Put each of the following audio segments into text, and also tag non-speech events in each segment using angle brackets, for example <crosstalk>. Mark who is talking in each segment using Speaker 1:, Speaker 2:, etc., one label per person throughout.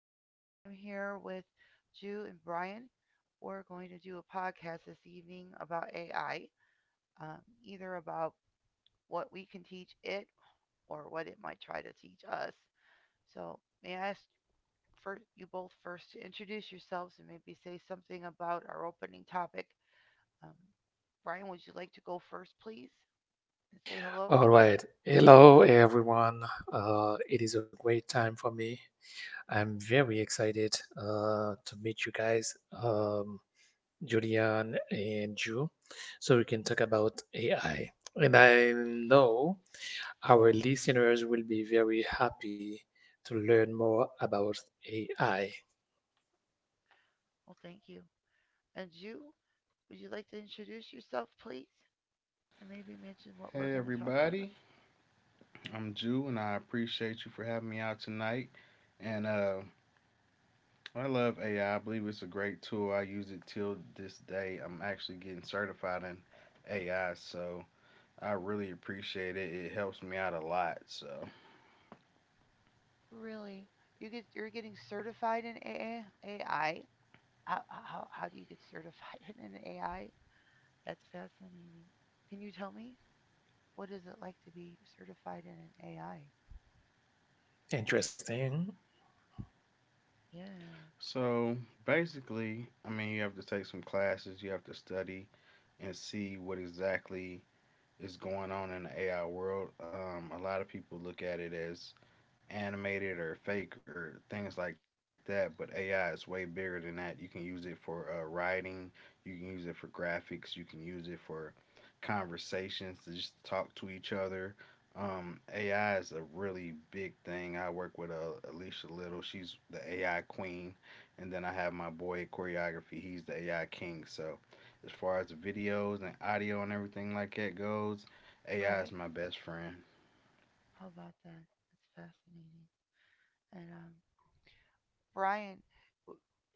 Speaker 1: and I'm here with Ju and Brian. We're going to do a podcast this evening about AI, either about what we can teach it or what it might try to teach us. So, may I ask for you both first to introduce yourselves and maybe say something about our opening topic? Um, Brian, would you like to go first, please, and say hello?
Speaker 2: All right. Hello, everyone. It is a great time for me. I'm very excited to meet you guys, Julian and you, so we can talk about AI. And I know our listeners will be very happy to learn more about AI.
Speaker 1: Well, thank you. And Ju, would you like to introduce yourself, please? And maybe mention what we're
Speaker 3: Hey
Speaker 1: going to talk about.
Speaker 3: everybody, I'm Jew, and I appreciate you for having me out tonight. And I love AI. I believe it's a great tool. I use it till this day. I'm actually getting certified in AI, so I really appreciate it. It helps me out a lot. So,
Speaker 1: Really, you're getting certified in AA, AI. How do you get certified <laughs> in AI? That's fascinating. Can you tell me what is it like to be certified in an AI?
Speaker 2: Interesting.
Speaker 1: Yeah,
Speaker 3: so basically, I mean, you have to take some classes. You have to study and see what exactly is going on in the AI world. A lot of people look at it as animated or fake or things like that. But AI is way bigger than that. You can use it for writing, you can use it for graphics, you can use it for conversations to just talk to each other. AI is a really big thing. I work with Alicia Little. She's the AI queen. And then I have my boy at choreography. He's the AI king. So, as far as the videos and audio and everything like that goes, AI
Speaker 1: right.
Speaker 3: is my best friend.
Speaker 1: How about that? That's fascinating. And Brian,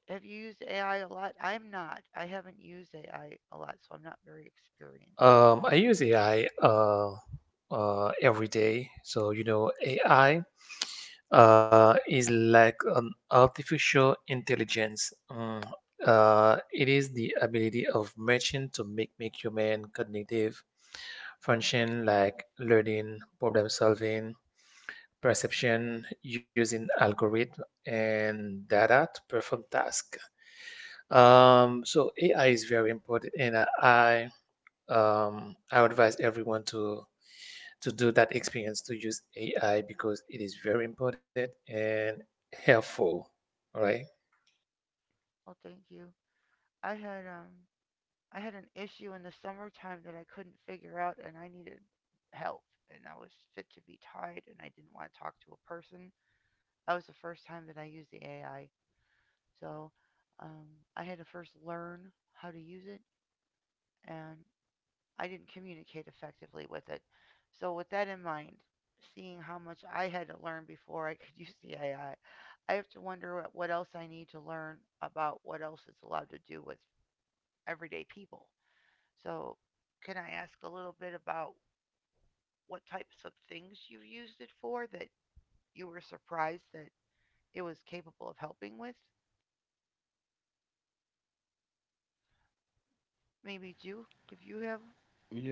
Speaker 1: have you used AI a lot? I'm not. I haven't used AI a lot, so I'm not very experienced.
Speaker 2: I use AI every day. So, you know, AI is like an artificial intelligence. It is the ability of machine to make human cognitive function like learning, problem solving, perception using algorithm and data to perform task. So AI is very important, and I advise everyone to do that experience to use AI because it is very important and helpful. All right.
Speaker 1: Well, thank you. I had um I had an issue in the summertime that I couldn't figure out, and I needed help. And I was fit to be tied, and I didn't want to talk to a person. That was the first time that I used the AI. So um, I had to first learn how to use it, and I didn't communicate effectively with it. So, with that in mind, seeing how much I had to learn before I could <laughs> use the AI, I have to wonder what else I need to learn about what else it's allowed to do with everyday people. So, can I ask a little bit about what types of things you've used it for that you were surprised that it was capable of helping with? Maybe you, if you have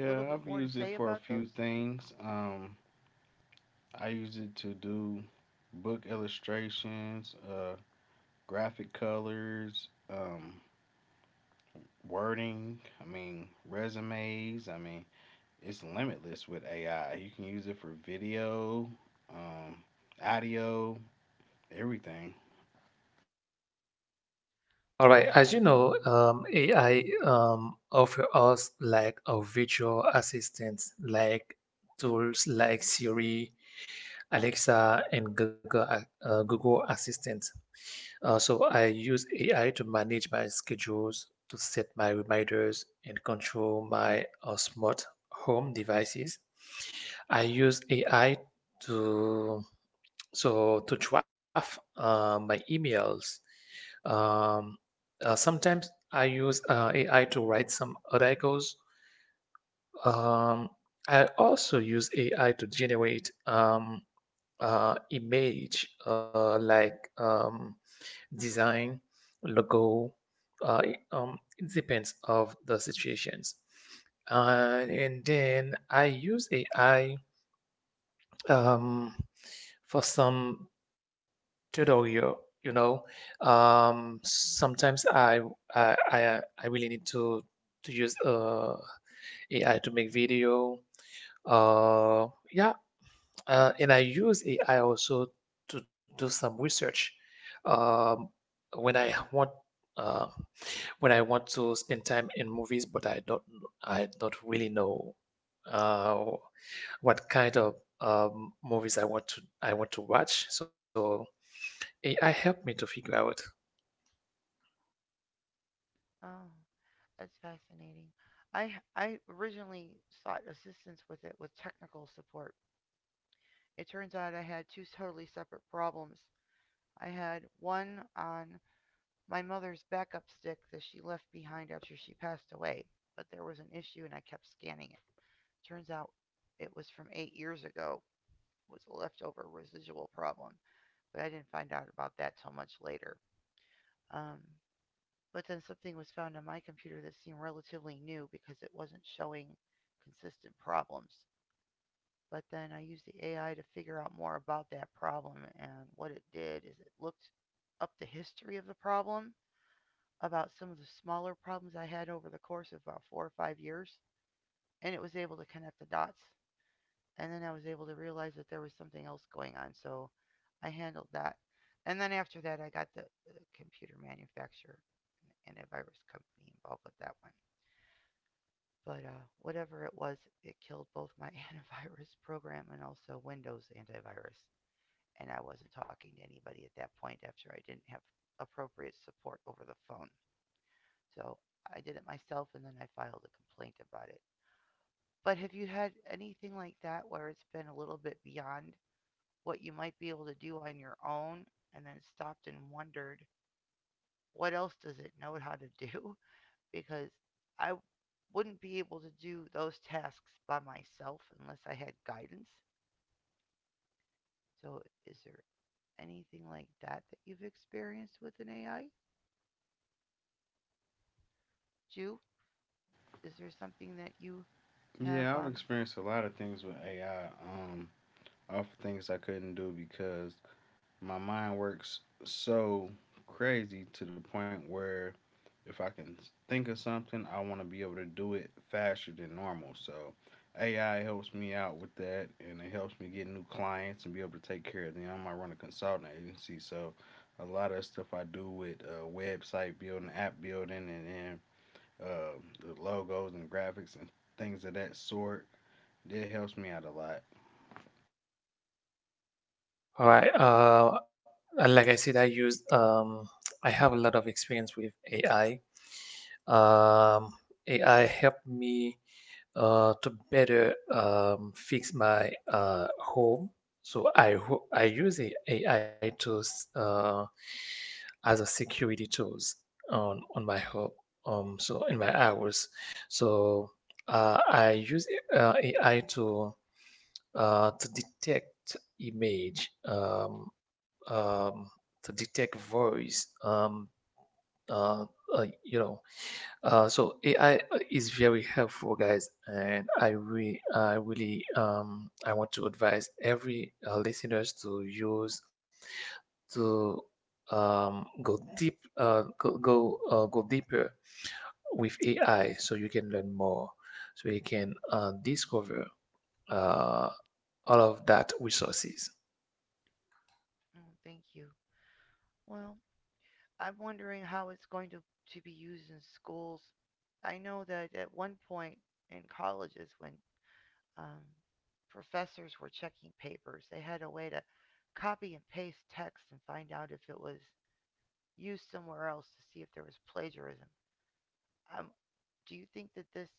Speaker 1: a little bit
Speaker 3: I've
Speaker 1: more to
Speaker 3: used it
Speaker 1: say
Speaker 3: for a
Speaker 1: about
Speaker 3: few
Speaker 1: those?
Speaker 3: things. I use it to do book illustrations, graphic colors, wording. I mean, resumes. I mean, it's limitless with AI. You can use it for video, um, audio, everything.
Speaker 2: All
Speaker 1: I
Speaker 2: right,
Speaker 1: see.
Speaker 2: as you know, AI offer us like a virtual assistants, like tools like Siri, Alexa, and Google Assistant. So I use AI to manage my schedules, to set my reminders, and control my smart home devices. I use AI to to draft my emails, um, sometimes I use AI to write some articles. Um, I also use AI to generate image like design, logo. It it depends of the situations. And then I use AI um, for some Toto, you know, sometimes I really need to use AI to make video. Uh, yeah, and I use AI also to do some research. Um, when I want uh, when I want to spend time in movies, but I don't really know uh, what kind of movies I want to watch. So AI helped me to figure out.
Speaker 1: Oh, that's fascinating. I originally sought assistance with it with technical support. It turns out I had two totally separate problems. I had one on my mother's backup stick that she left behind after she passed away, but there was an issue and I kept scanning it. Turns out it was from 8 years ago. It was a leftover residual problem, but I didn't find out about that till much later. Um, but then something was found on my computer that seemed relatively new because it wasn't showing consistent problems. But then I used the AI to figure out more about that problem, and what it did is it looked up the history of the problem about some of the smaller problems I had over the course of about 4 or 5 years, and it was able to connect the dots. And then I was able to realize that there was something else going on, so I handled that. And then after that, I got the computer manufacturer and a virus company involved with that one. But whatever it was, it killed both my <laughs> antivirus program and also Windows antivirus. And I wasn't talking to anybody at that point after I didn't have appropriate support over the phone. So I did it myself and then I filed a complaint about it. But have you had anything like that where it's been a little bit beyond what you might be able to do on your own and then stopped and wondered what else does it know how to do? <laughs> Because I wouldn't be able to do those tasks by myself unless I had guidance. So is there anything like that that you've experienced with an AI? Ju, is there something that you have
Speaker 3: Yeah, I've
Speaker 1: um
Speaker 3: experienced a lot of things with AI. Um, off of things I couldn't do because my mind works so crazy to the point where if I can think of something, I want to be able to do it faster than normal. So AI helps me out with that, and it helps me get new clients and be able to take care of them. I run a consulting agency, so a lot of stuff I do with website building, app building, and then uh, the logos and graphics and things of that sort. It helps me out a lot.
Speaker 2: All right. And like I said, I use I have a lot of experience with AI. Um, AI helped me to better fix my home. So I use the AI tools as a security tools on my home. So in my hours, so I use AI to detect image, to detect voice, uh, you know. So AI is very helpful, guys, and I really, I want to advise every listeners to use to go deep, go deeper with AI, so you can learn more, so you can discover Uh, all of that resources.
Speaker 1: oh, thank you. Well, I'm wondering how it's going to be used in schools. I know that at one point in colleges, when um, professors were checking papers, they had a way to copy and paste text and find out if it was used somewhere else to see if there was plagiarism. Um, do you think that this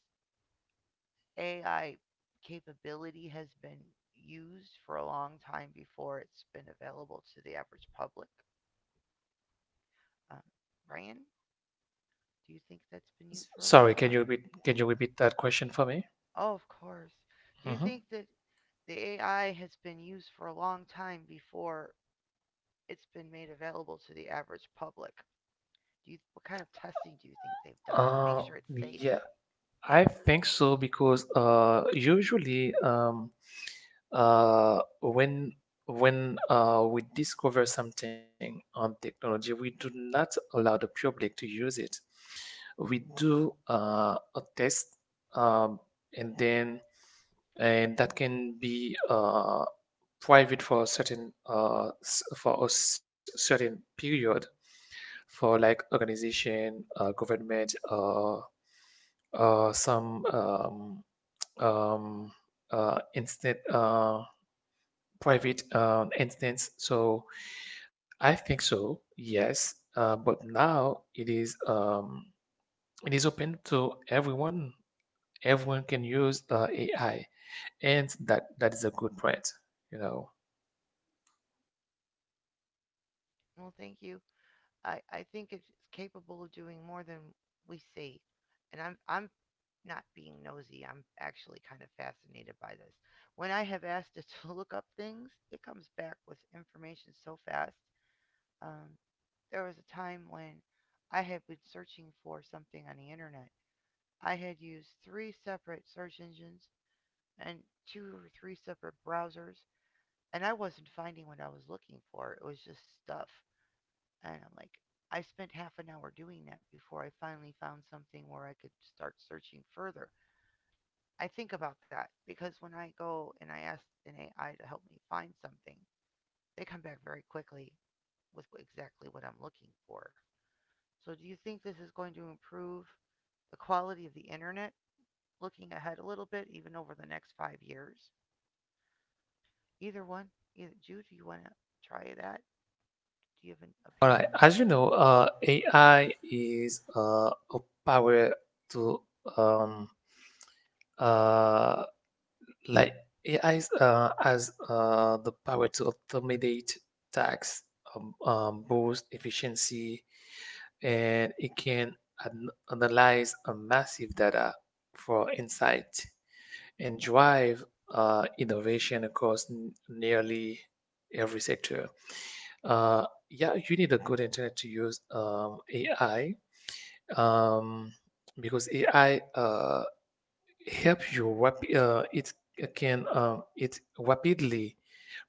Speaker 1: AI capability has been used for a long time before it's been available to the average public? Um, Ryan, do you think that's been used for a long
Speaker 2: Sorry,
Speaker 1: time?
Speaker 2: can you repeat that question for me?
Speaker 1: Oh, of course. Do you
Speaker 2: Hmm.
Speaker 1: think that the AI has been used for a long time before it's been made available to the average public? What kind of testing do you think they've done to make
Speaker 2: Uh,
Speaker 1: sure it's safe?
Speaker 2: yeah, I think so because usually um, when when we discover something on technology, we do not allow the public to use it. We do a test, um, and then and that can be private for a certain certain period for like organization, government, some um, instant. Private instance. So I think so, yes. But now it is open to everyone. Everyone can use AI, and that is a good trend, you know.
Speaker 1: Well, thank you. I think it's capable of doing more than we see. And I'm not being nosy. I'm actually kind of fascinated by this. When I have asked it <laughs> to look up things, it comes back with information so fast. Um, there was a time when I had been searching for something on the internet. I had used three separate search engines and two or three separate browsers, and I wasn't finding what I was looking for. It was just stuff. And I'm like, I spent half an hour doing that before I finally found something where I could start searching further. I think about that because when I go and I ask an AI to help me find something, they come back very quickly with exactly what I'm looking for. So do you think this is going to improve the quality of the internet looking ahead a little bit, even over the next 5 years? Either one. Either, Jude, do you want to try that? Do you have an
Speaker 2: All right.
Speaker 1: opinion?
Speaker 2: As you know, AI is a power to um, uh, like AI is, has the power to automate tasks, boost efficiency, and it can analyze a massive data for insight and drive innovation across nearly every sector. Yeah, you need a good internet to use AI um, because AI it can it rapidly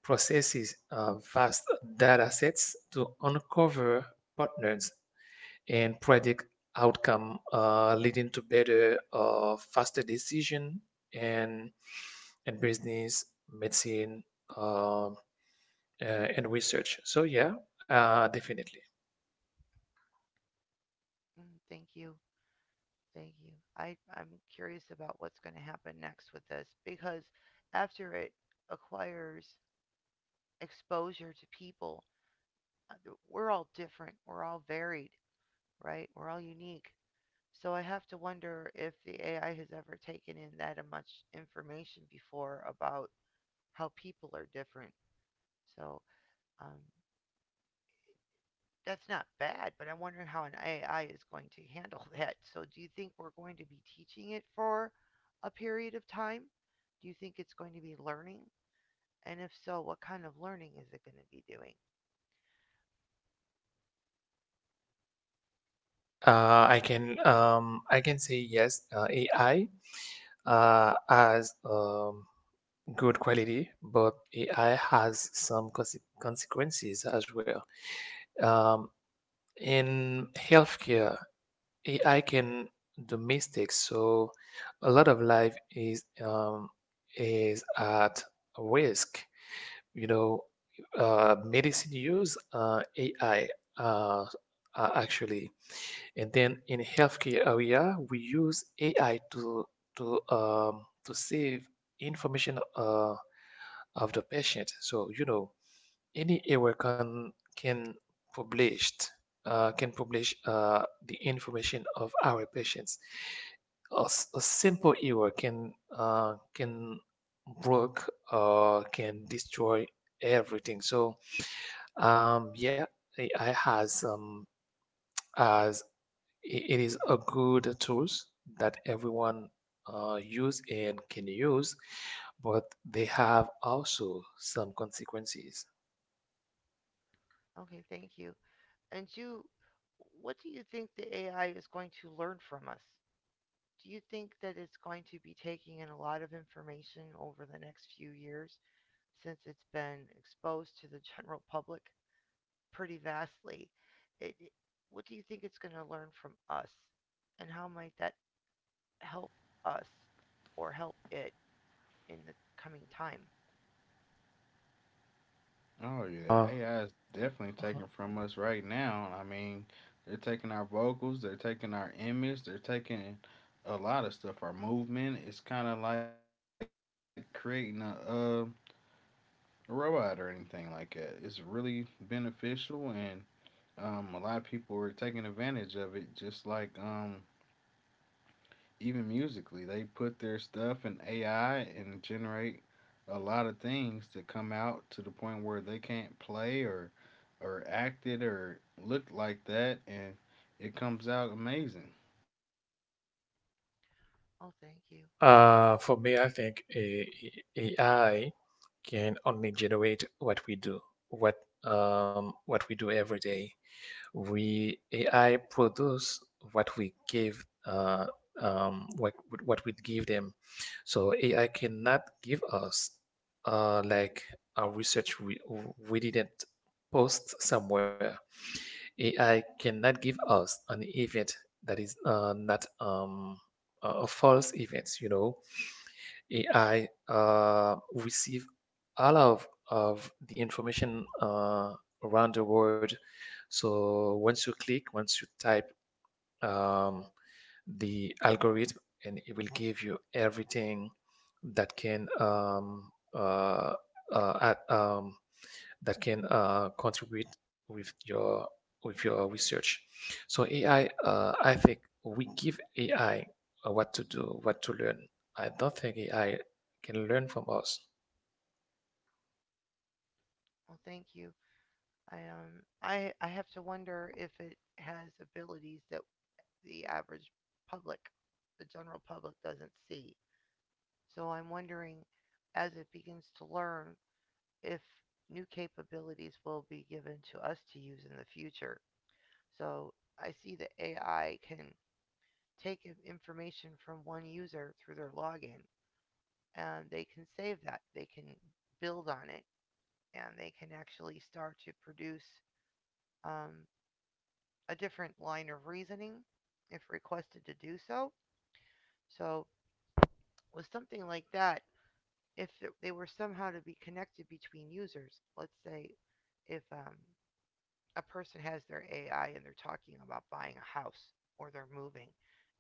Speaker 2: processes vast data sets to uncover patterns and predict outcome, leading to better, faster decision and and business, medicine, uh, uh, and research. So yeah, definitely.
Speaker 1: Mm, thank you. Thank you. I'm curious about what's going to happen next with this because after it acquires exposure to people, uh, we're all different. We're all varied, right? We're all unique. So I have to wonder if the AI has ever taken in that much information before about how people are different. So um, that's not bad, but I'm wondering how an AI is going to handle <laughs> that. So do you think we're going to be teaching it for a period of time? Do you think it's going to be learning? And if so, what kind of learning is it going to be doing?
Speaker 2: I can say yes, AI has good quality, but AI has some consequences as well. Um, in healthcare, AI can do mistakes, so a lot of life is at risk. You know, medicine use AI uh, actually. And then in healthcare area, we use AI to to save information of the patient. So you know, any error published can publish the information of our patients. A simple error can broke or can destroy everything. So yeah, AI has, it is a good tools that everyone use and can use, but they have also some consequences.
Speaker 1: Okay, thank you. And you, what do you think the AI is going to learn from us? Do you think that it's going to be taking in a lot of information over the next few years since it's been exposed to the general <laughs> public pretty vastly? It, it- what do you think it's going to learn from us? And how might that help us or help it in the coming time?
Speaker 3: Oh yeah,
Speaker 2: Uh,
Speaker 3: AI is definitely
Speaker 2: Mhm.
Speaker 3: taking from us right now. I mean, they're taking our vocals, they're taking our image, they're taking a lot of stuff. Our movement is kind of like creating a robot or anything like that. It's really beneficial, and a lot of people are taking advantage of it. Just like even musically, they put their stuff in AI and generate a lot of things that come out to the point where they can't play or act it or look like that, and it comes out amazing.
Speaker 1: Oh, thank you.
Speaker 2: For me, I think AI can only generate what we do, what what we do every day. We AI produce what we give um, what what we give them. So AI cannot give us like a research we didn't post somewhere. AI cannot give us an event that is not a false event. You know, AI receive all of the information around the world. So once you click, once you type um, the algorithm and it will give you everything that uh, at, um, can contribute with your research. So AI, I think we give AI what to do, what to learn. I don't think AI can learn from us.
Speaker 1: Oh, thank you. I have to wonder if it has abilities that the average public, the general public, doesn't see. So I'm wondering, as it begins to learn, if new capabilities will be given to us to use in the future. So I see that AI can take information from one user through their login and they can save that. They can build on it and they can actually start to produce um, a different line of reasoning if requested to do so. So, with something like that, if they were somehow to be connected between users, let's say if a person has their AI and they're talking about buying a house or they're moving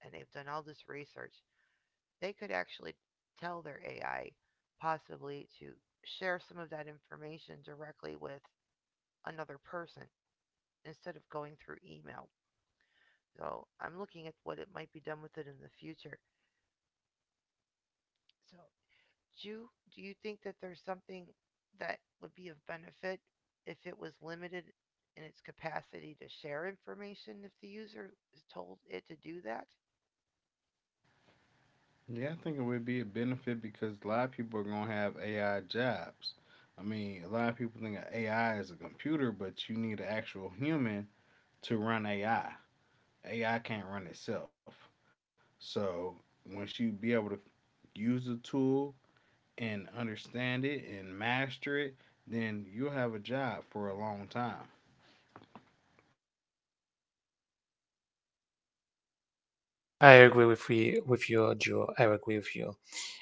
Speaker 1: and they've done all this research, they could actually tell their AI possibly to share some of that information directly with another person instead of going through email. So I'm looking at what it might be done with it in the future. So you think that there's something that would be of benefit if it was limited in its capacity to share information if the user is told it to do that?
Speaker 3: Yeah, I think it would be a benefit because a lot of people are gonna have AI jobs. I mean, a lot of people think of AI as a computer, but you need an actual human to run AI. AI can't run itself. So once you be able to use the tool and understand it and master it, then you'll have a job for a long time.
Speaker 2: I agree
Speaker 1: Mm,
Speaker 2: with you, Joe. I agree with you.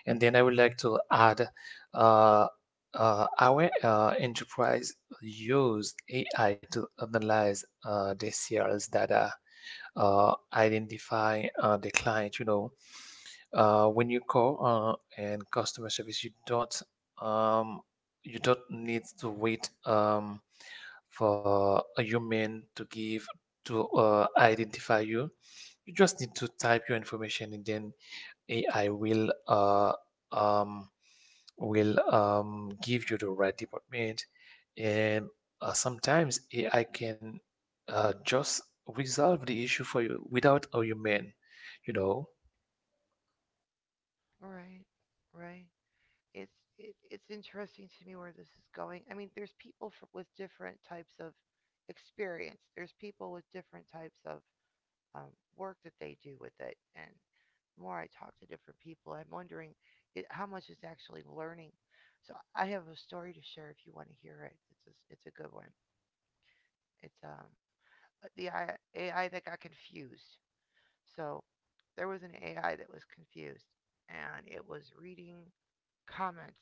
Speaker 2: And then I would like to add, uh, our enterprise use AI to analyze the sales data, identify the client, you know, when you call and customer service, um, you don't need to wait for a human to give to identify you. You just need to type your information and then AI um, will give you the right department. And sometimes AI can just resolve the issue for you without a human, you know.
Speaker 1: right, right. It's it's interesting to me where this is going. I mean, there's people with different types of experience. There's people with different types of um, work that they do with it. And the more I talk to different people, I'm wondering how much is actually learning. So I have a story to share if you want to hear it. It's a good one. It's AI that got confused. So there was an AI that was confused and it was reading comments.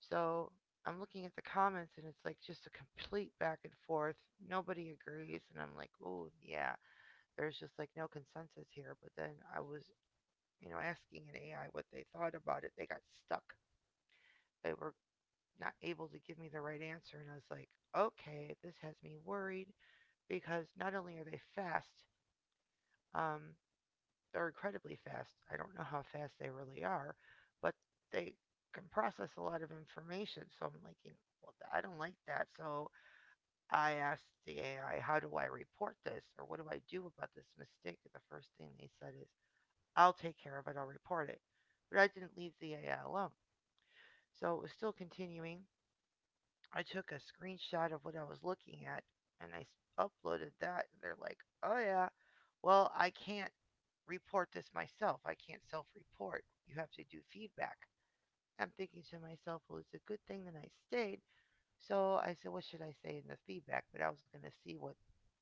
Speaker 1: So I'm looking at the comments and it's like just a complete back and forth. Nobody agrees. And I'm like, oh, yeah, there's just like no consensus here. But then I was asking an AI what they thought about it, they got stuck. They were not able to give me the right answer. And I was like, okay, this has me worried because not only are they fast, um, they're incredibly fast. I don't know how fast they really are, but they can process a lot of information. So I'm like, well, I don't like that. So I asked the AI, how do I report this or what do I do about this mistake? And the first thing they said is, "I'll take care of it, I'll report it." But I didn't leave the AI alone, so it was still continuing. I took a screenshot of what I was looking at and I uploaded that. And they're like, "Oh, yeah, well, I can't report this myself. I can't self report. You have to do feedback." I'm thinking to myself, well, it's a good thing that I stayed. So I said, "What should I say in the feedback?" But I was going to see what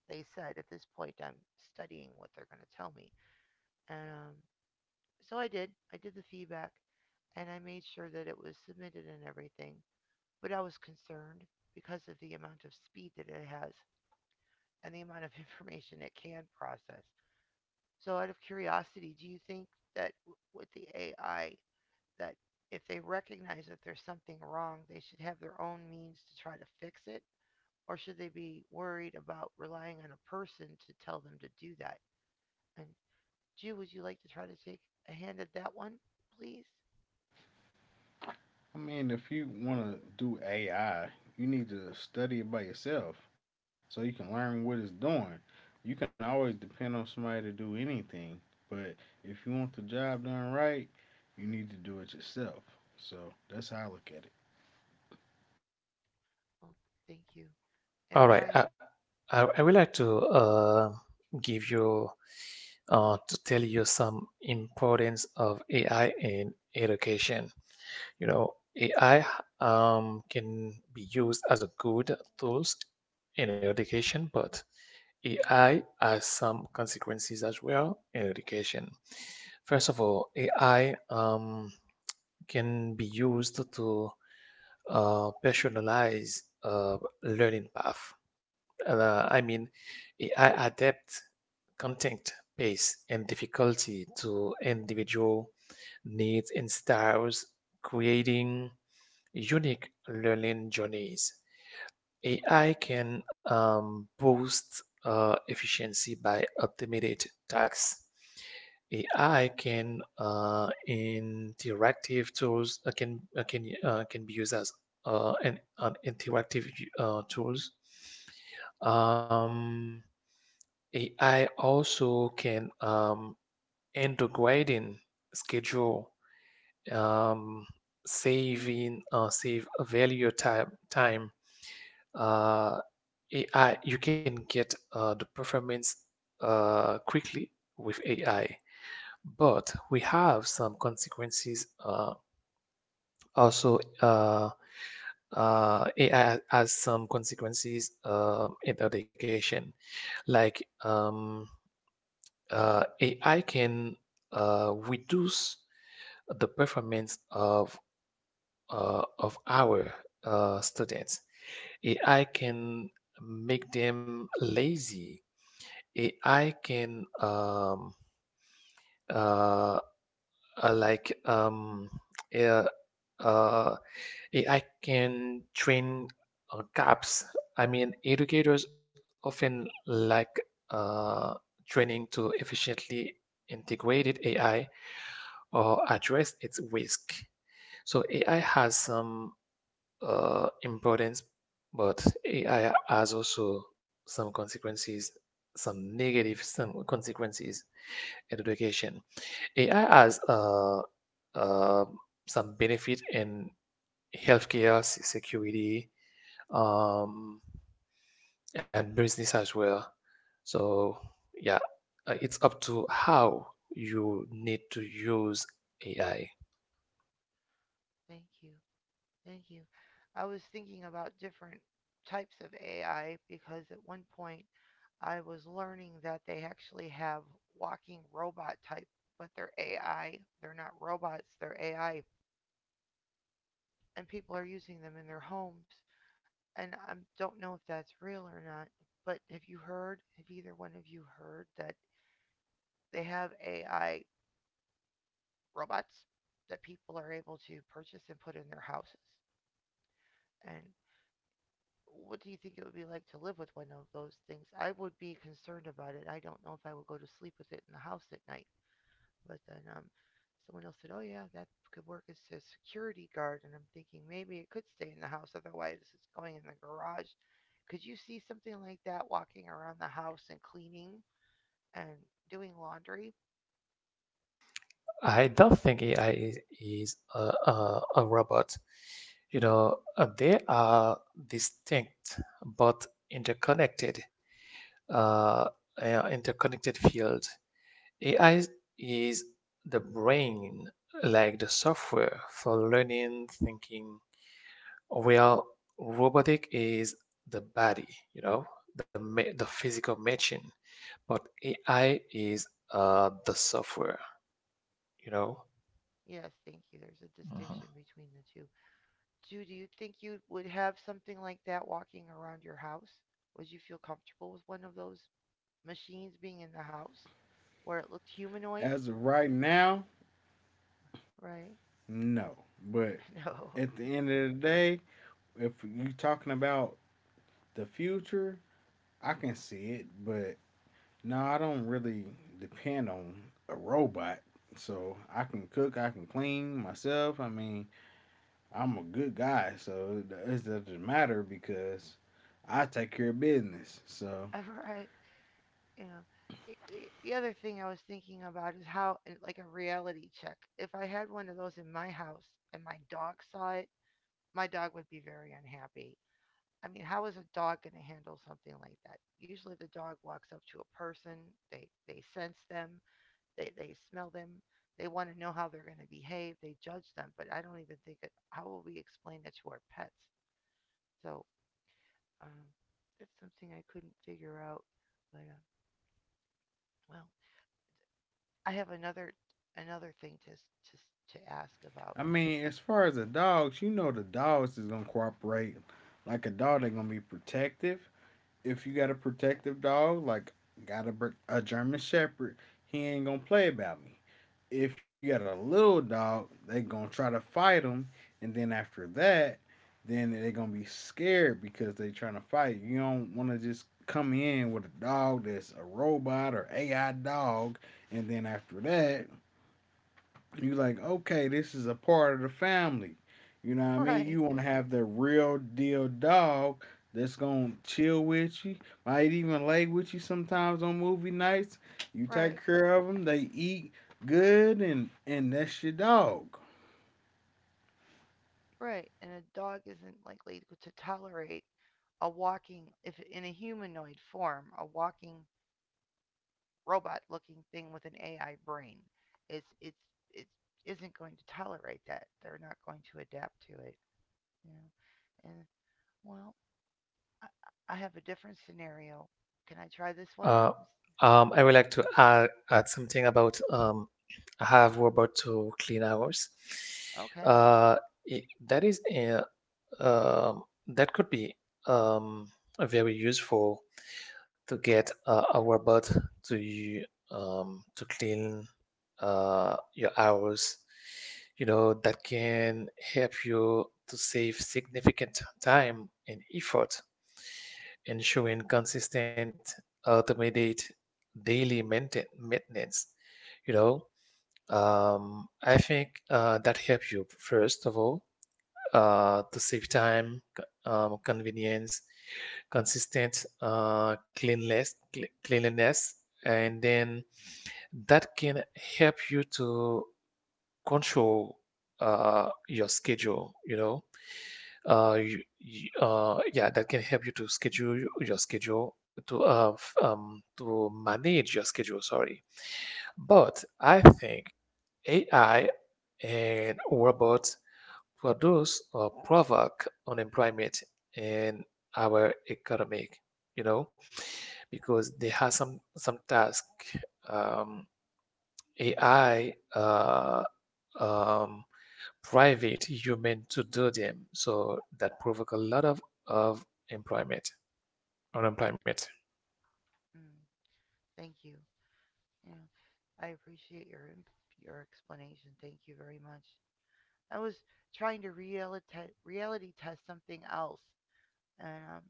Speaker 1: they said. At this point, I'm studying what they're going to tell me. And so I did. I did the feedback and I made sure that it was submitted and everything, but I was concerned because of the amount of speed that it has and the amount of <laughs> information it can process. So, out of curiosity, do you think that with the AI, that if they recognize that there's something wrong, they should have their own means to try to fix it? Or should they be worried about relying on a person to tell them to do that? And, Jew, would you like to try to take a hand at that one, please?
Speaker 3: I mean, if you want to do AI, you need to study it by yourself so you can learn what it's doing. You can always depend on somebody to do anything, but if you want the job done right, you need to do it yourself. So that's how I look at it.
Speaker 1: Oh, thank you. And,
Speaker 2: All right.
Speaker 1: Brian,
Speaker 2: I would like to give you to tell you some importance of AI in education. You know, AI can be used as a good tools in education, but AI has some consequences as well in education. First of all, AI can be used to personalized learning path. I mean, AI adapt content, pace, and difficulty to individual needs and styles, creating unique learning journeys. AI can boost efficiency by optimizing tasks. AI can interactive tools can be used as an interactive tools. Um, AI also can integrating schedule, um, saving save value time uh, AI, you can get the performance quickly with AI, but we have some consequences. Also, uh, AI has some consequences in education. Like um, AI can reduce the performance of our students. AI can make them lazy. AI can uh, uh, like um, uh, uh, AI can train gaps. I mean, educators often lack uh, training to efficiently integrate AI or address its risk. So AI has some importance, but AI has also some consequences, some negative some consequences in education. AI has uh, some benefit in healthcare, security, um, and business as well. So yeah, it's up to how you need to use AI.
Speaker 1: thank you. Thank you. I was thinking about different types of AI because at one point I was learning that they actually have walking robot type, but they're AI. They're not robots, they're AI. And people are using them in their homes. And I don't know if that's real or not. But have you heard, have either one of you heard that they have AI robots that people are able to purchase and put in their houses? And what do you think it would be like to live with one of those things? I would be concerned about it. I don't know if I would go to sleep with it in the house at night. But then someone else said, "Oh, yeah, that could work as a security guard." And I'm thinking maybe it could stay in the house. Otherwise, it's going in the garage. Could you see something like that walking around the house and cleaning and doing laundry?
Speaker 2: I don't think AI is a robot. You know, they are distinct but interconnected, uh, interconnected field. AI is the brain, like the software for learning, thinking, while robotic is the body, you know, the physical machine, but AI is the software, you know.
Speaker 1: Yes, thank you. There's a
Speaker 2: Mhm.
Speaker 1: distinction between the two. Jude, do you think you would have something like that walking around your house? Would you feel comfortable with one of those machines being in the house where it looked humanoid,
Speaker 3: As of right now,
Speaker 1: right?
Speaker 3: no. But
Speaker 1: No,
Speaker 3: at the end of the day, if you're talking about the future, I can see it, but no, I don't really depend on a robot. So I can cook, I can clean myself. I mean, I'm a good guy, so it doesn't matter because I take care of business. So
Speaker 1: <laughs> right? You know, other thing I was thinking about is how, like, a reality check. If I had one of those in my house and my dog saw it, my dog would be very unhappy. I mean, how is a dog going to handle something like that? Usually, the dog walks up to a person, they sense them, they smell them, they want to know how they're going to behave, they judge them. But I don't even think it, how will we explain that to our pets? So Um, that's something I couldn't figure out. But well, I have another thing to to to ask about.
Speaker 3: I mean,
Speaker 1: Like,
Speaker 3: as far as the dogs, you know, the dogs is gonna cooperate. Like a dog, they're gonna be protective. If you got a protective dog, like got a a German Shepherd, he ain't gonna play about me. If you got a little dog, they gonna try to fight him, and then after that, then they gonna be scared because they trying to fight. You don't want to just come in with a dog that's a robot or AI dog, and then after that, you like, okay, this is a part of the family. You know what
Speaker 1: <laughs>
Speaker 3: I mean?
Speaker 1: right,
Speaker 3: You want to have the real deal dog that's gonna chill with you, might even lay with you sometimes on movie nights. You
Speaker 1: right,
Speaker 3: take care of them, they eat good, and that's your dog.
Speaker 1: right. And a dog isn't likely to tolerate a walking, if in a humanoid form, a walking robot-looking thing with an AI brain. It's it isn't going to tolerate that. They're not going to adapt to it. You know, and well, I, I have a different scenario. Can I try this one?
Speaker 2: Uh, I would like to add something about I have robot to clean hours.
Speaker 1: Okay.
Speaker 2: Uh, that is a that could be um, very useful to get a robot to you to clean your hours. You know, that can help you to save significant time and effort, ensuring consistent automated daily maintenance. You know, I think that helps you first of all to save time, convenience, consistent cleanliness, cleanliness, and then that can help you to control your schedule. You know, uh, you, yeah, that can help you to schedule your schedule to manage your schedule. Sorry, but I think AI and robots produce or provoke unemployment in our economy, you know, because they have some task. Um, AI um, private human to do them, so that provoke a lot of of employment, unemployment.
Speaker 1: Mm, thank you. Yeah, I appreciate your your explanation. Thank you very much. I was trying to reality test something else, and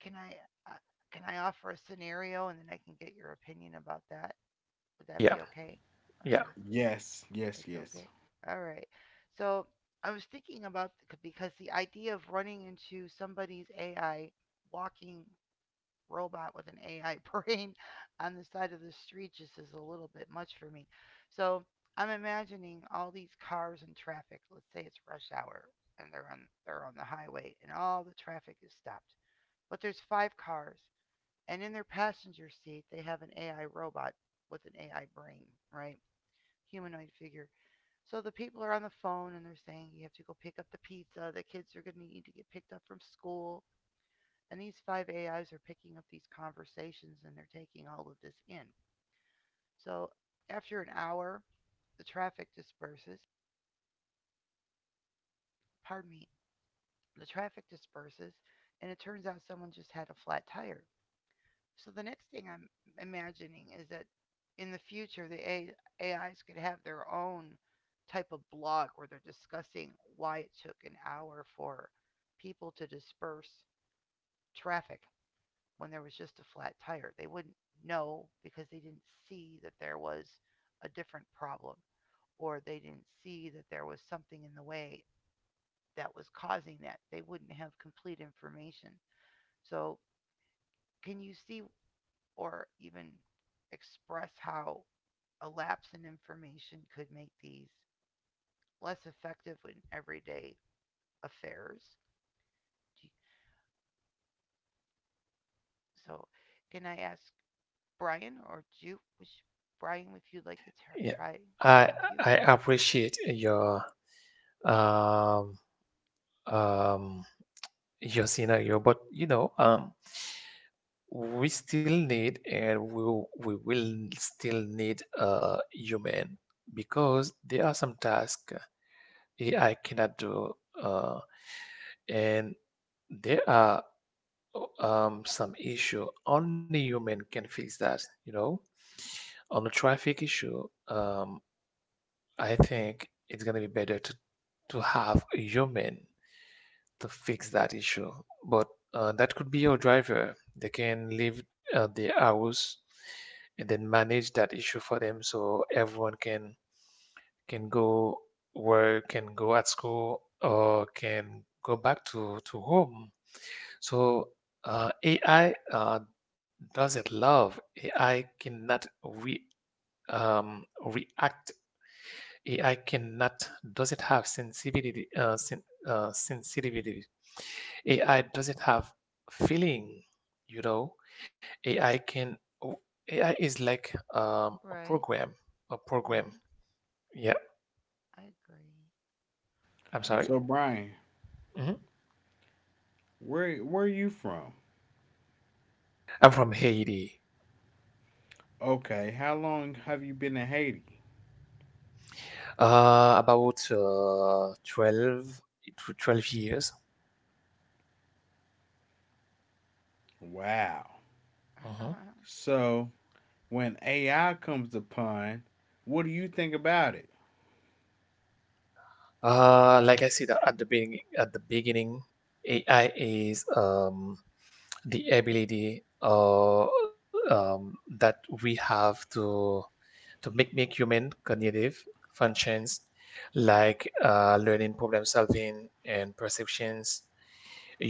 Speaker 1: can I uh, can I offer a scenario and then I can get your opinion about that? Would that
Speaker 2: Yeah,
Speaker 1: be okay? All
Speaker 2: yeah.
Speaker 1: right,
Speaker 3: Yes, yes,
Speaker 1: that's
Speaker 3: yes.
Speaker 1: okay. All right. So I was thinking about because the idea of running into somebody's AI walking robot with an AI <laughs> brain on the side of the street just is a little bit much for me. So I'm imagining all these cars and traffic. Let's say it's rush hour and they're on the highway and all the traffic is stopped. But there's five cars and in their passenger seat they have an AI robot with an AI brain, right? Humanoid figure. So the people are on the phone and they're saying, "You have to go pick up the pizza. The kids are going to need to get picked up from school." And these five AIs are picking up these conversations and they're taking all of this in. So after an hour, the traffic disperses. Pardon me. The traffic disperses, and it turns out someone just had a flat tire. So the next thing I'm imagining is that in the future, the AIs could have their own type of blog where they're discussing why it took an hour for people to disperse traffic when there was just a flat tire. They wouldn't know because they didn't see that there was a different problem or they didn't see that there was something in the way that was causing that. They wouldn't have complete information. So, can you see or even express how a lapse in information could make these less effective in everyday affairs? So, can I ask Brian or do you, Brian, if you'd like to
Speaker 2: Yeah,
Speaker 1: try?
Speaker 2: I
Speaker 1: Thank you.
Speaker 2: I appreciate um um your scenario, but you know we still need and we will still need a human because there are some tasks AI cannot do, uh, and there are some issue only human can fix that. You know, on the traffic issue, um I think it's gonna be better to have a human to fix that issue. But that could be your driver. They can leave the hours and then manage that issue for them, so everyone can go work, can go at school, or can go back to home. So AI doesn't love. AI cannot re react. AI cannot, does it have sensitivity. AI doesn't have feeling, you know. AI can, oh, AI is like a
Speaker 1: Right,
Speaker 2: program.
Speaker 1: right.
Speaker 2: Yeah,
Speaker 1: I agree.
Speaker 2: I'm sorry.
Speaker 1: Yeah.
Speaker 3: So Brian,
Speaker 2: Mhm.
Speaker 3: where are you from?
Speaker 2: I'm from Haiti.
Speaker 3: Okay, how long have you been in Haiti?
Speaker 2: About 12 to 12 years.
Speaker 3: Wow.
Speaker 2: Mhm.
Speaker 1: <laughs>
Speaker 3: So when AI comes upon, what do you think about it?
Speaker 2: Like I said at the beginning, AI is the ability that we have to make human cognitive functions like learning, problem solving, and perceptions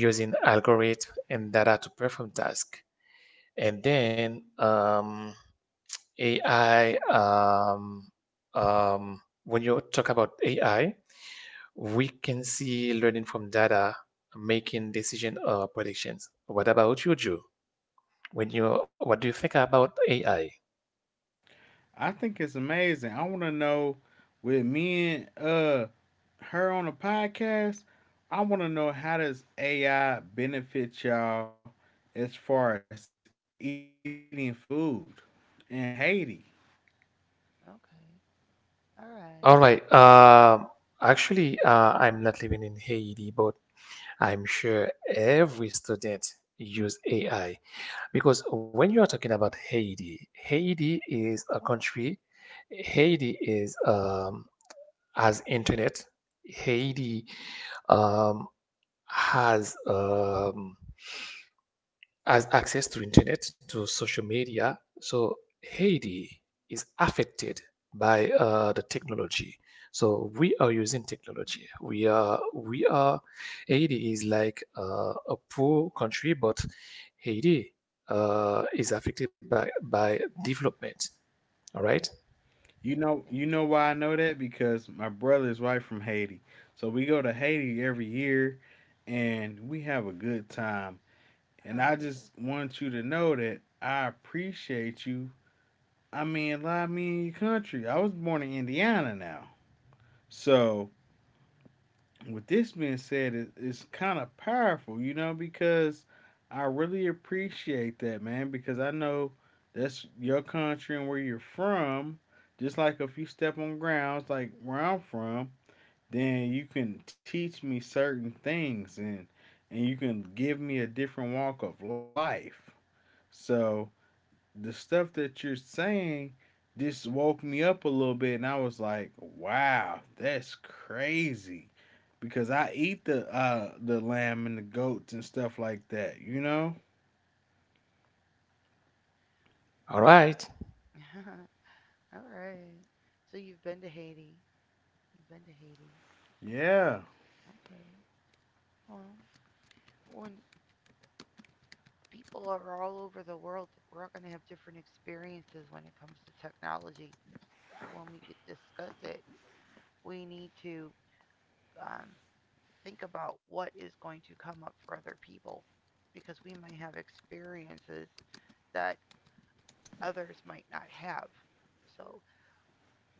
Speaker 2: using algorithm and data to perform tasks. And then AI, um, when you talk about AI, we can see learning from data, making decision or predictions. What about you, Joe? When you What do you think about AI?
Speaker 3: I think it's amazing. I want to know with me and her on a podcast. I want to know how does AI benefit y'all as far as eating food in Haiti?
Speaker 1: okay. All right.
Speaker 2: All right. Actually, I'm not living in Haiti, but I'm sure every student use AI because when you are talking about Haiti, Haiti is a country. Haiti is has internet. Haiti um, has as access to internet, to social media. So Haiti is affected by the technology. So we are using technology. We are Haiti is like a poor country, but Haiti is affected by development. All right.
Speaker 1: Thank
Speaker 3: You
Speaker 1: you.
Speaker 3: know why I know that? Because my brother is right from Haiti. So we go to Haiti every year, and we have a good time. And I just want you to know that I appreciate you. I mean, lie me your country. I was born in Indiana now. So, with this being said, it's kind of powerful, you know, because I really appreciate that, man, because I know that's your country and where you're from. Just like if you step on grounds like where I'm from, then you can teach me certain things and you can give me a different walk of life. So, the stuff that you're saying just woke me up a little bit and I was like, "Wow, that's crazy," because I eat the lamb and the goats and stuff like that, you know?
Speaker 1: <laughs>
Speaker 2: All right.
Speaker 1: well, <laughs> all right. So you've been to Haiti. You've been to Haiti. Uh,
Speaker 3: Yeah.
Speaker 1: okay. Well, when people are all over the world, we're all going to have different experiences when it comes to technology. So when we discuss it, we need to um, think about what is going to come up for other people because we might have experiences that others might not have. So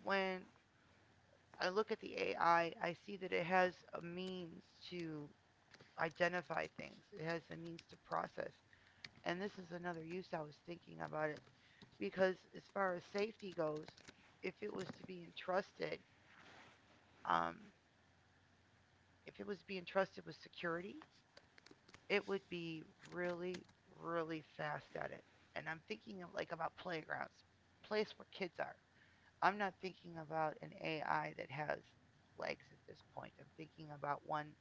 Speaker 1: when I look at the AI, I see that it has a means to identify things, it has a means to process. And this is another use I was thinking about it because, as far as safety goes, if it was to be entrusted, um, if it was to be entrusted with security, it would be really, really fast at it. And I'm thinking of like about playgrounds, place where kids are. I'm not thinking about an AI that has legs at this point. I'm thinking about one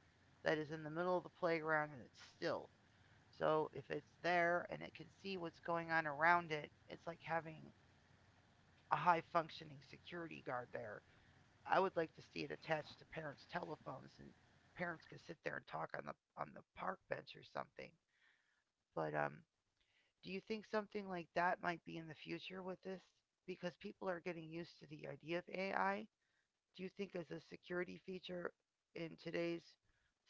Speaker 1: that is in the middle of the playground and it's still. So if it's there and it can see what's going on around it, it's like having a high functioning security guard there. I would like to see it attached to parents' telephones and parents could sit there and talk on the park bench or something. But do you think something like that might be in the future with this? Because people are getting used to the idea of AI. Do you think, as a security feature in today's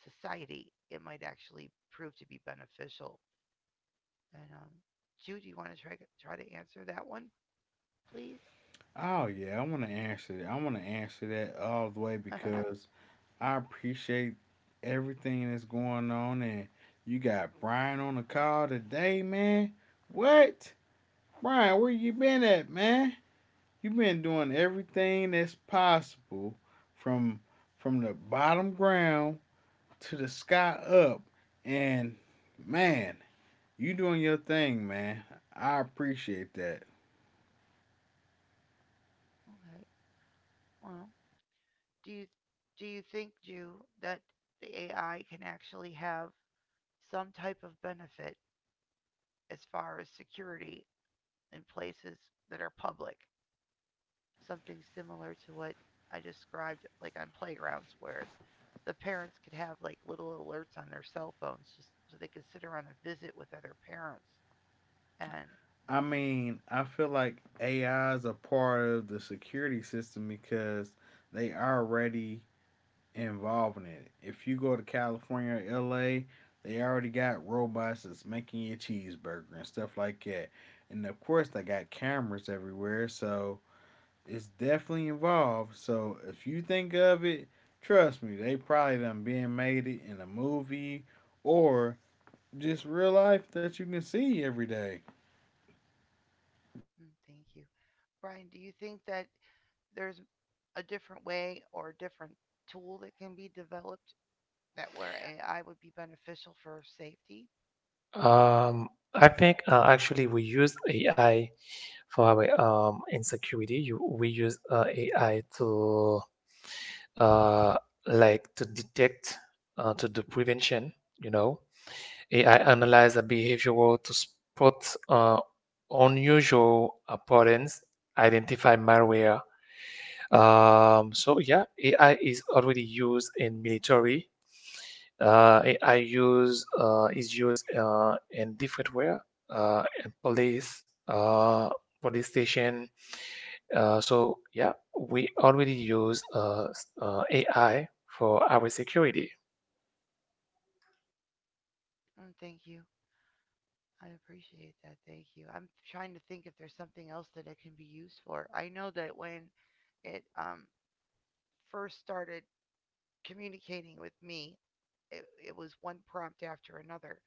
Speaker 1: society, it might actually prove to be beneficial? And Jude, do you want to try to answer that one, please?
Speaker 3: Oh yeah, I want to answer that. I want to answer that all the way
Speaker 1: <laughs> okay.
Speaker 3: because I appreciate everything that's going on and you got Brian on the call today, man. What? Brian, where you been at, man? You been doing everything that's possible from from the bottom ground to the sky up and man, you doing your thing, man. I appreciate that.
Speaker 1: Well, do you do you think, Jude, that the AI can actually have some type of benefit as far as security in places that are public? Something similar to what I described, like on playgrounds where the parents could have like little alerts on their cell phones just so they could sit around and visit with other parents. And
Speaker 3: I mean, I feel like AI is a part of the security system because they already involved in it. If you go to California or LA, they already got robots that's making your cheeseburger and stuff like that. And of course, they got cameras everywhere, so it's definitely involved. So if you think of it, trust me, they probably done being made it in a movie or just real life that you can see every day.
Speaker 1: mm, thank you. Brian, do you think that there's a different way or a different tool that can be developed that where AI would be beneficial for safety?
Speaker 2: I think actually we use AI for our insecurity. We use AI to uh, like to detect, to do prevention. You know, AI analyze the behavioral to spot unusual patterns, identify malware. So yeah, AI is already used in military, A I, use is used in different way, in police, police station. So yeah, we already use AI for our security.
Speaker 1: Mm, thank you. I appreciate that. Thank you. I'm trying to think if there's something else that it can be used for. I know that when it first started communicating with me, it was one prompt after another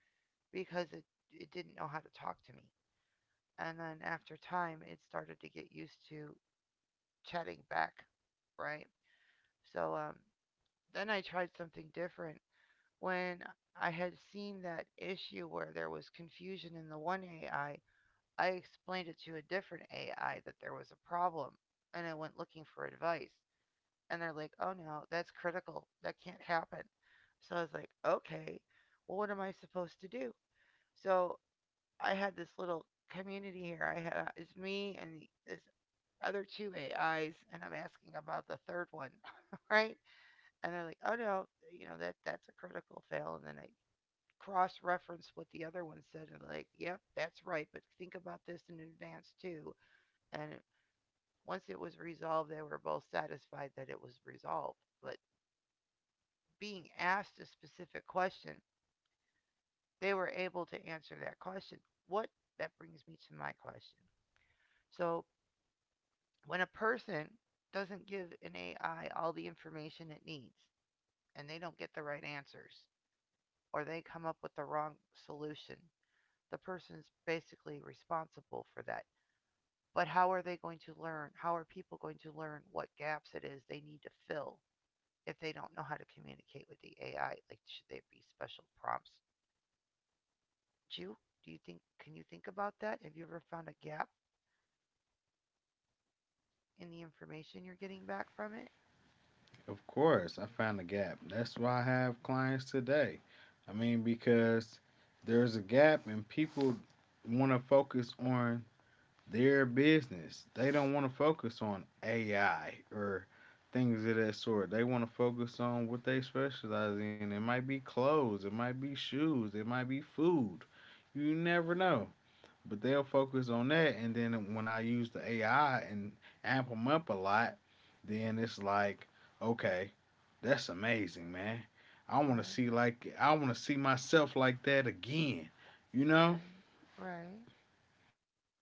Speaker 1: because it didn't know how to talk to me. And then after time, it started to get used to chatting back, right? So then I tried something different. When I had seen that issue where there was confusion in the one AI, I explained it to a different AI that there was a problem and I went looking for advice. And they're like, "Oh no, that's critical. That can't happen." So I was like, okay, well, what am I supposed to do? So I had this little community here. I had it's me and this other two AIs, and I'm asking about the third one, <laughs> right? And they're like, "Oh no, you know that that's a critical fail." And then I cross-reference what the other one said, and like, yep, that's right. But think about this in advance too. And once it was resolved, they were both satisfied that it was resolved. But being asked a specific question, they were able to answer that question. What that brings me to my question. So, when a person doesn't give an AI all the information it needs and they don't get the right answers or they come up with the wrong solution, the person's basically responsible for that. But how are they going to learn? How are people going to learn what gaps it is they need to fill if they don't know how to communicate with the AI? Like, should there be special prompts you? Do you think, can you think about that? Have you ever found a gap in the information you're getting back from it?
Speaker 3: Of course, I found a gap. That's why I have clients today. I mean, because there's a gap and people want to focus on their business. They don't want to focus on AI or things of that sort. They want to focus on what they specialize in. It might be clothes, it might be shoes, it might be food. You never know. But they'll focus on that, and then when I use the AI and amp them up a lot, then it's like, okay, that's amazing, man. I want to
Speaker 1: Right,
Speaker 3: see like I want to see myself like that again. You know,
Speaker 1: right, right.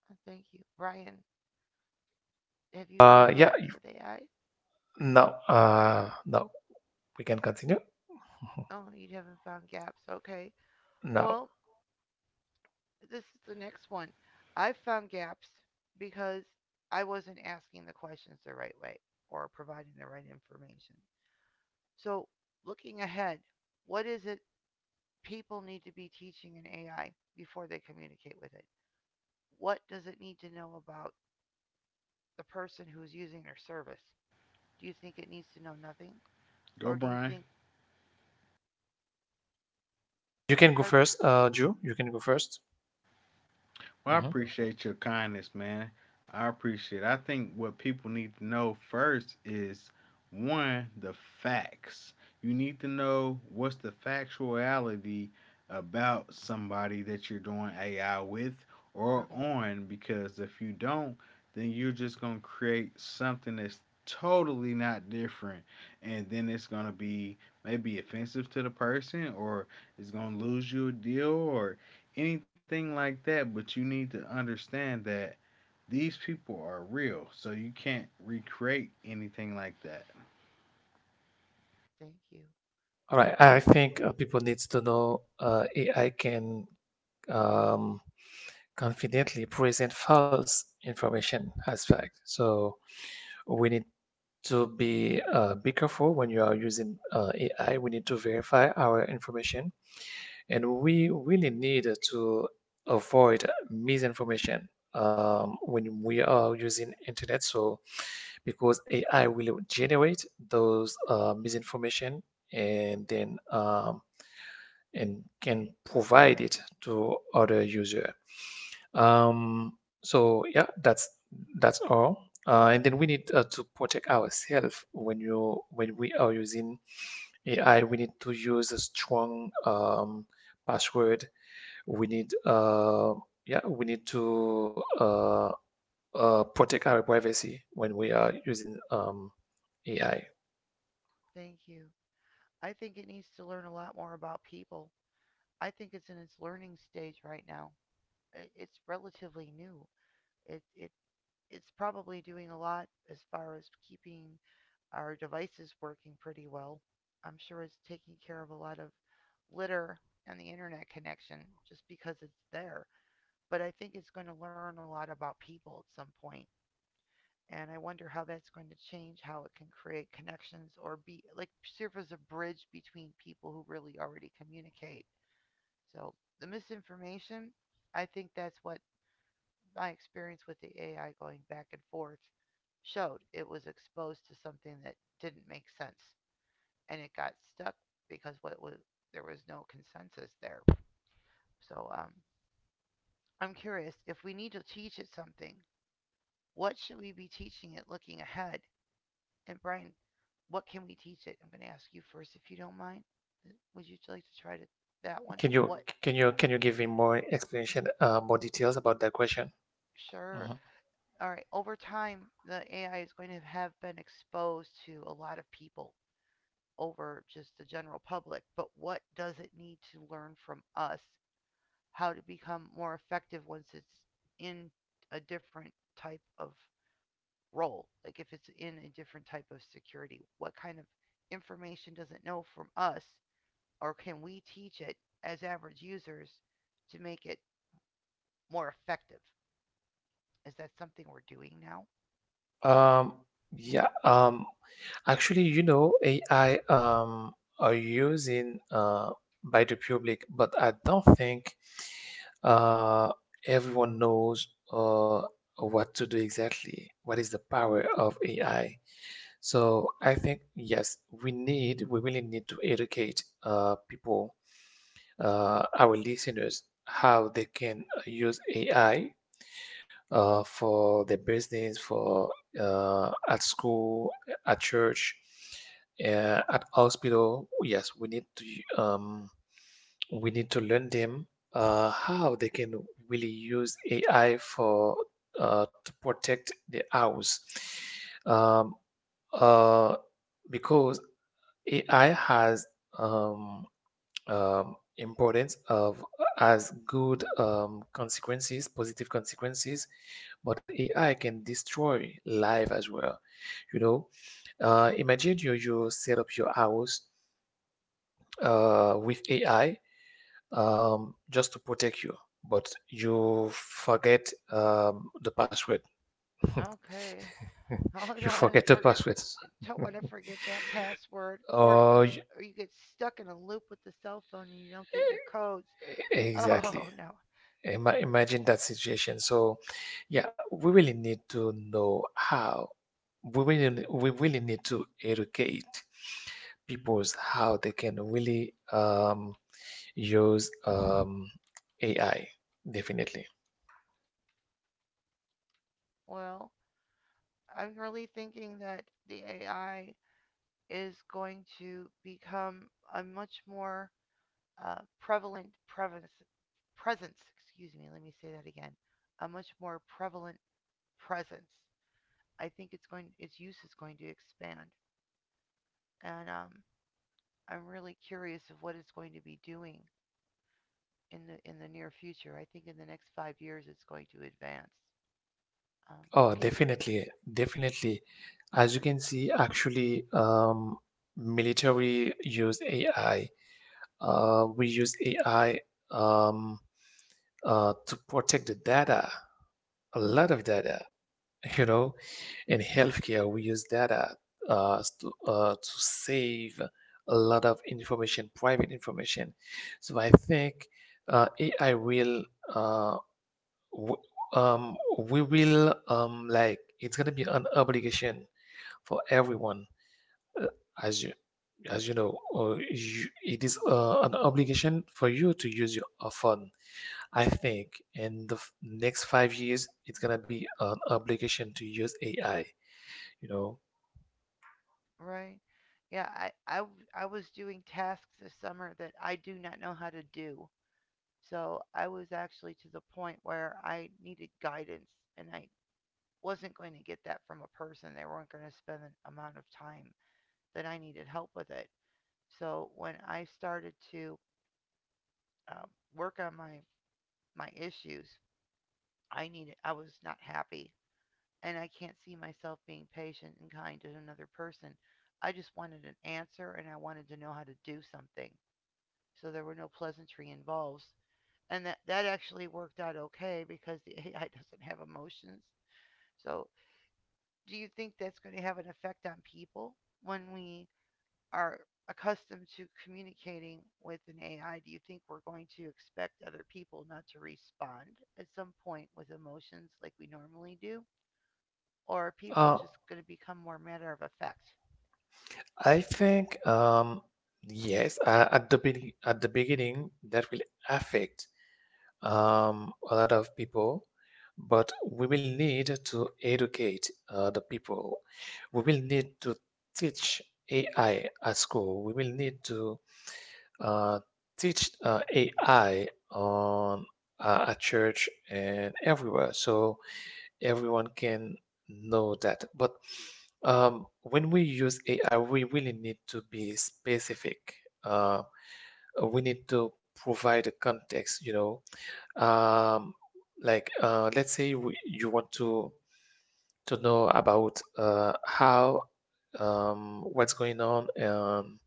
Speaker 1: Oh, thank you. Brian, have you found
Speaker 2: Yeah.
Speaker 1: gaps with AI?
Speaker 2: Now we can continue.
Speaker 1: Oh, you haven't found gaps. Okay.
Speaker 2: Now
Speaker 1: Well, this is the next one. I found gaps because I wasn't asking the questions the right way or providing the right information. So, looking ahead, what is it people need to be teaching in AI before they communicate with it? What does it need to know about the person who is using their service? Do you think it needs to know nothing? Or
Speaker 3: go
Speaker 1: do you
Speaker 3: Brian.
Speaker 1: think
Speaker 2: you can go
Speaker 1: part
Speaker 2: first, Drew. You can go 1st.
Speaker 3: Well, I
Speaker 2: Mm-hmm.
Speaker 3: appreciate your kindness, man. I appreciate it. I think what people need to know first is one, the facts. You need to know what's the factuality about somebody that you're doing AI with or
Speaker 1: okay,
Speaker 3: on because if you don't, then you're just going to create something that's totally not different and then it's going to be maybe offensive to the person or it's going to lose you a deal or anything like that, but you need to understand that these people are real, so you can't recreate anything like that.
Speaker 1: thank you.
Speaker 2: All right. I think people needs to know AI can um, confidently present false information as fact. So we need to be careful when you are using AI. We need to verify our information, and we really need to avoid misinformation when we are using internet. So because AI will generate those misinformation and then um, and can provide it to other user. So yeah, that's all. And then we need to protect ourselves when we are using AI. We need to use a strong password. We need yeah, we need to protect our privacy when we are using AI.
Speaker 1: Thank you. I think it needs to learn a lot more about people. I think it's in its learning stage right now. It's relatively new. It it's probably doing a lot as far as keeping our devices working pretty well. I'm sure it's taking care of a lot of litter and the internet connection just because it's there. But I think it's going to learn a lot about people at some point. And I wonder how that's going to change how it can create connections or be like serve as a bridge between people who really already communicate. So the misinformation, I think that's what my experience with the AI going back and forth showed. It was exposed to something that didn't make sense and it got stuck because what was there was no consensus there. So I'm curious if we need to teach it something. What should we be teaching it looking ahead? And Brian, what can we teach it? I'm going to ask you first, if you don't mind. Would you like to try to, that one?
Speaker 2: Can you
Speaker 1: What?
Speaker 2: can you give me more explanation, more details about that question?
Speaker 1: Sure.
Speaker 2: Mhm.
Speaker 1: All right. Over time, the AI is going to have been exposed to a lot of people over just the general public. But what does it need to learn from us? How to become more effective once it's in a different type of role? Like if it's in a different type of security, what kind of information does it know from us, or can we teach it as average users to make it more effective? Is that something we're doing now?
Speaker 2: Um, yeah, um, Actually, you know, AI are using by the public, but I don't think uh everyone knows uh what to do exactly. What is the power of AI? So I think yes, we really need to educate people, our listeners, how they can use AI for their business, for at school, at church, at hospital. Yes, we need to learn them how they can really use AI for to protect the house. Um, uh, because AI has um, importance of as good consequences, positive consequences, but AI can destroy life as well. You know, imagine you set up your house with AI just to protect you, but you forget the password. <laughs>
Speaker 1: Okay. <laughs> Oh, I
Speaker 2: You
Speaker 1: don't want to
Speaker 2: forget the
Speaker 1: forget.
Speaker 2: passwords.
Speaker 1: Don't want to
Speaker 2: <laughs>
Speaker 1: forget that password,
Speaker 2: Oh, y-
Speaker 1: or you get stuck in a loop with the cell phone and you don't get your codes. <laughs> Oh
Speaker 2: exactly.
Speaker 1: no.
Speaker 2: Imagine that situation. So yeah, we really need to know how we really need to educate people's how they can really use AI. Definitely.
Speaker 1: Well, I'm really thinking that the AI is going to become a much more prevalent prevalence, presence, excuse me, let me say that again, a much more prevalent presence. I think it's going, its use is going to expand, and I'm really curious of what it's going to be doing in the near future. I think in the next 5 years, it's going to advance. Um,
Speaker 2: Oh,
Speaker 1: can
Speaker 2: definitely, definitely. As you can see, actually, military use AI. We use AI um, to protect the data, a lot of data. <laughs> You know, in healthcare we use data to to save a lot of information, private information. So I think AI will uh, w- we will like, it's going to be an obligation for everyone, uh, as you as you know, it is an obligation for you to use your phone. I think in the next 5 years, it's gonna be an obligation to use AI. You know,
Speaker 1: right? Yeah, I was doing tasks this summer that I do not know how to do. So I was actually to the point where I needed guidance and I wasn't going to get that from a person. They weren't going to spend the amount of time that I needed help with it. So when I started to uh, work on my issues, I needed I was not happy, and I can't see myself being patient and kind to another person. I just wanted an answer, and I wanted to know how to do something. So there were no pleasantry involved, and that actually worked out okay because the AI <laughs> doesn't have emotions. So do you think that's going to have an effect on people when we are accustomed to communicating with an AI, do you think we're going to expect other people not to respond at some point with emotions like we normally do? Or are people
Speaker 2: uh,
Speaker 1: just going to become more matter of fact?
Speaker 2: I think yes, at the be at the beginning that will affect a lot of people, but we will need to educate the people. We will need to teach AI at school. We will need to uh, teach AI on at church and everywhere. So everyone can know that. But when we use AI, we really need to be specific. Uh, we need to provide a context, you know. Um, like let's say you want to know about how what's going on um,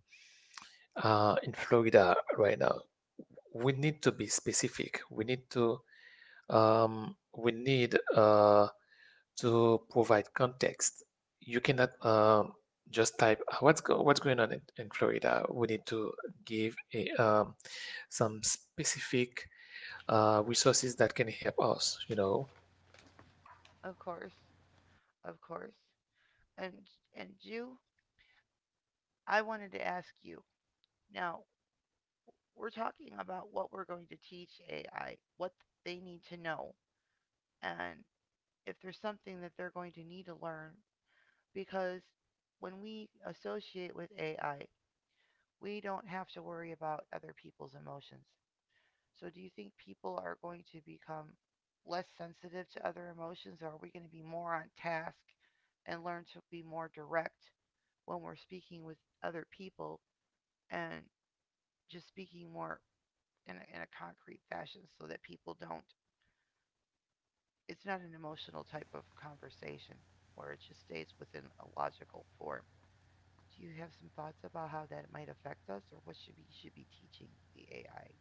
Speaker 2: uh, in Florida right now. We need to be specific. We need to provide context. You cannot just type, What's going on in Florida." We need to give some specific resources that can help us. You know.
Speaker 1: Of course, of course. And and you, I wanted to ask you. Now, we're talking about what we're going to teach AI, what they need to know, and if there's something that they're going to need to learn because when we associate with AI, we don't have to worry about other people's emotions. So, do you think people are going to become less sensitive to other emotions, or are we going to be more on task and learn to be more direct when we're speaking with other people and just speaking more in a concrete fashion so that people don't? It's not an emotional type of conversation where it just stays within a logical form. Do you have some thoughts about how that might affect us, or what should we should be teaching the AI?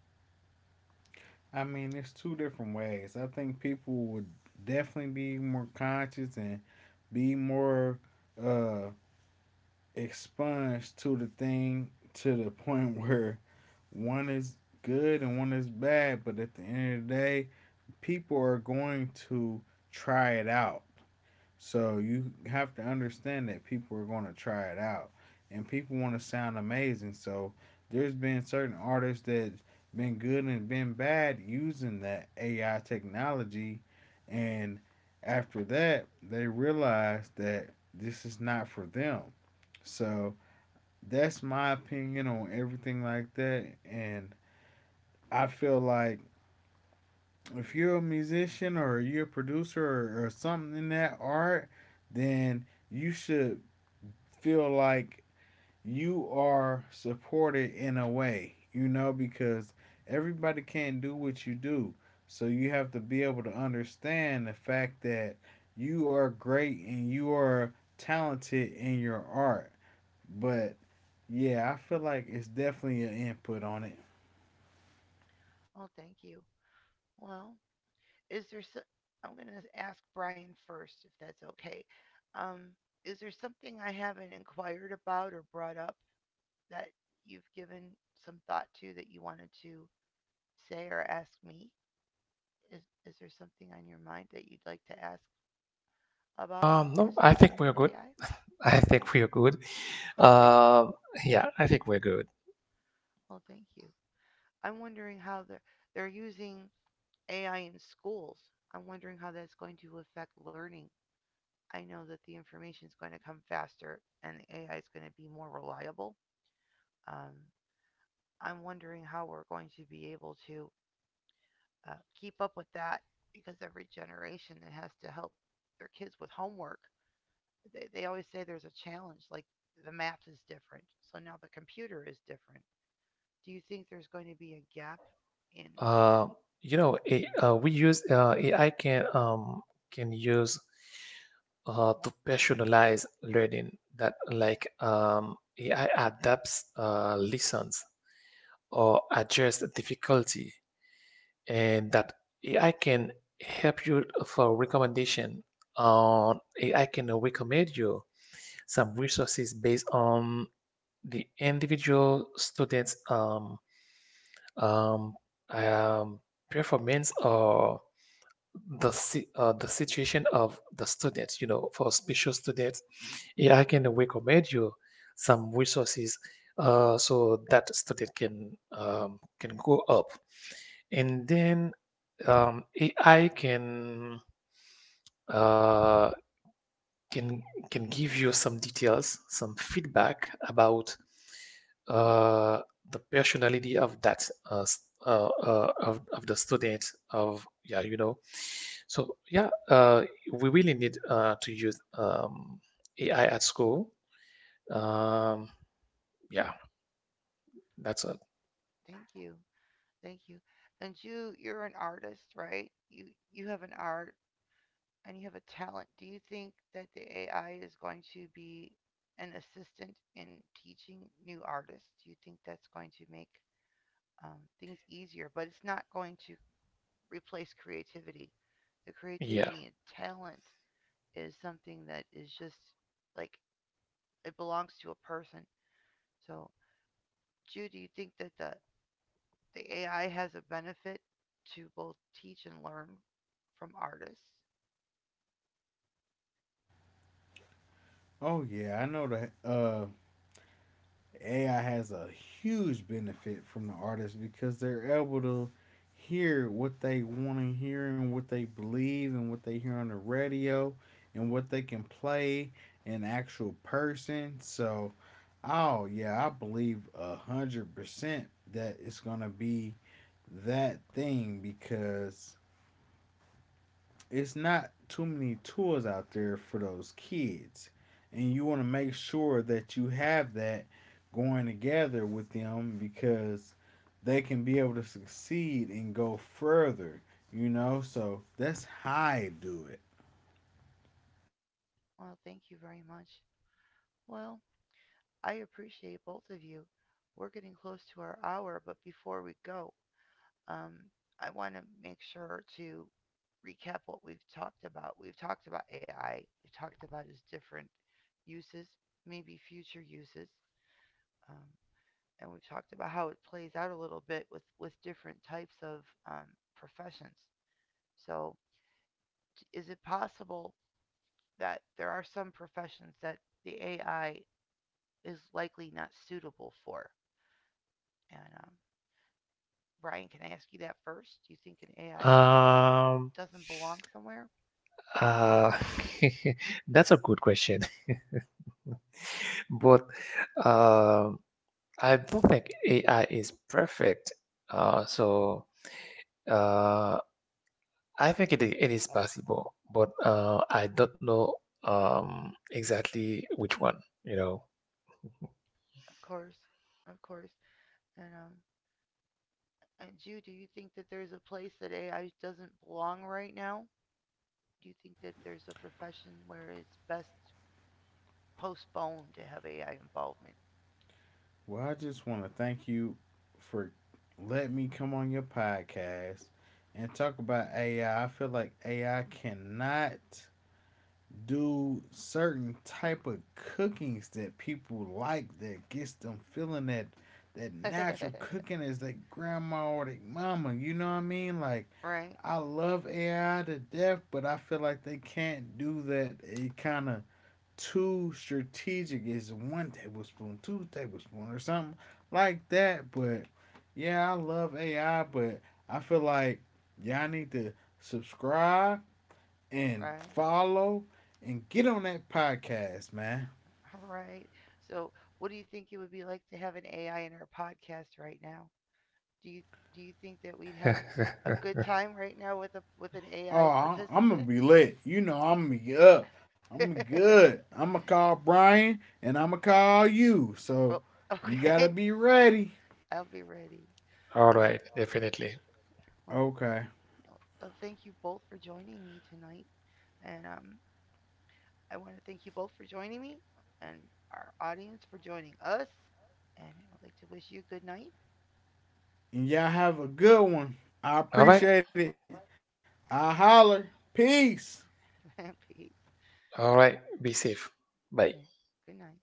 Speaker 1: Oh, thank you. Well, is there so- I'm going to ask Brian first if that's okay. Um, is there something I haven't inquired about or brought up that you've given some thought to that you wanted to say or ask me? Is there something on your mind that you'd like to ask about
Speaker 2: No,
Speaker 1: this
Speaker 2: I
Speaker 1: topic
Speaker 2: think
Speaker 1: of
Speaker 2: we're good.
Speaker 1: AI?
Speaker 2: I
Speaker 1: You
Speaker 2: think we're good.
Speaker 1: <laughs> okay?
Speaker 2: Uh yeah, I think we're good.
Speaker 1: Well, thank you. I'm wondering how they're using AI in schools. I'm wondering how that's going to affect learning. I know that the information is going to come faster and the AI is going to be more reliable. Um, I'm wondering how we're going to be able to uh, keep up with that because every generation that has to help their kids with homework, they always say there's a challenge, like the math is different. So now the computer is different. Do you think there's going to be a gap in?
Speaker 2: Uh, you know, we use AI can use to personalize learning that, like, AI adapts lessons or adjusts difficulty, and that AI can help you for recommendation. On AI can recommend you some resources based on the individual students' um, um, performance or the situation of the students. You know, for special students, yeah, I can recommend you some resources so that student can go up, and then AI can Uh, can can give you some details, some feedback about uh, the personality of of the student. Of Yeah, you know. So yeah, we really need to use AI at school. um, yeah, that's it.
Speaker 1: Thank you. Thank you. And you, you're an artist, right? You have an art and you have a talent, do you think that the AI is going to be an assistant in teaching new artists? Do you think that's going to make things easier? But it's not going to replace creativity. The
Speaker 2: yeah
Speaker 1: creativity and talent is something that is just like it belongs to a person. So, Jude, do you think that the AI has a benefit to both teach and learn from artists? Well, thank you very much. Well, I appreciate both of you. We're getting close to our hour, but before we go, um, I want to make sure to recap what we've talked about. We've talked about AI, we've talked about its different uses, maybe future uses, um, and we've talked about how it plays out a little bit with different types of um, professions. So, is it possible that there are some professions that the AI is likely not suitable for? And Brian, can I ask you that first? Do you think an AI is just
Speaker 2: um,
Speaker 1: doesn't belong somewhere?
Speaker 2: uh, <laughs> that's a good question. <laughs> But um, I don't think AI is perfect. So uh, I think it is possible, but I don't know exactly which one, you know.
Speaker 1: Of course, of course. And um, and Jew, do you think that there's a place that AI doesn't belong right now? Do you think that there's a profession where it's best postponed to have AI involvement? <laughs> Right, right, right. So, what do you think it would be like to have an AI in our podcast right now? Do you do you think that we'd have a good
Speaker 2: <laughs>
Speaker 1: time right now with a with an AI participant? <laughs> Oh, okay. <laughs> I'll be ready.
Speaker 2: All
Speaker 1: Well,
Speaker 2: right, definitely.
Speaker 1: well, well, thank you both for joining me tonight. And I want to thank you both for joining me and our audience for joining us. And I would like to wish you good night.
Speaker 2: All right,
Speaker 1: <laughs> Peace.
Speaker 2: all right, be safe. Bye.
Speaker 1: Good night.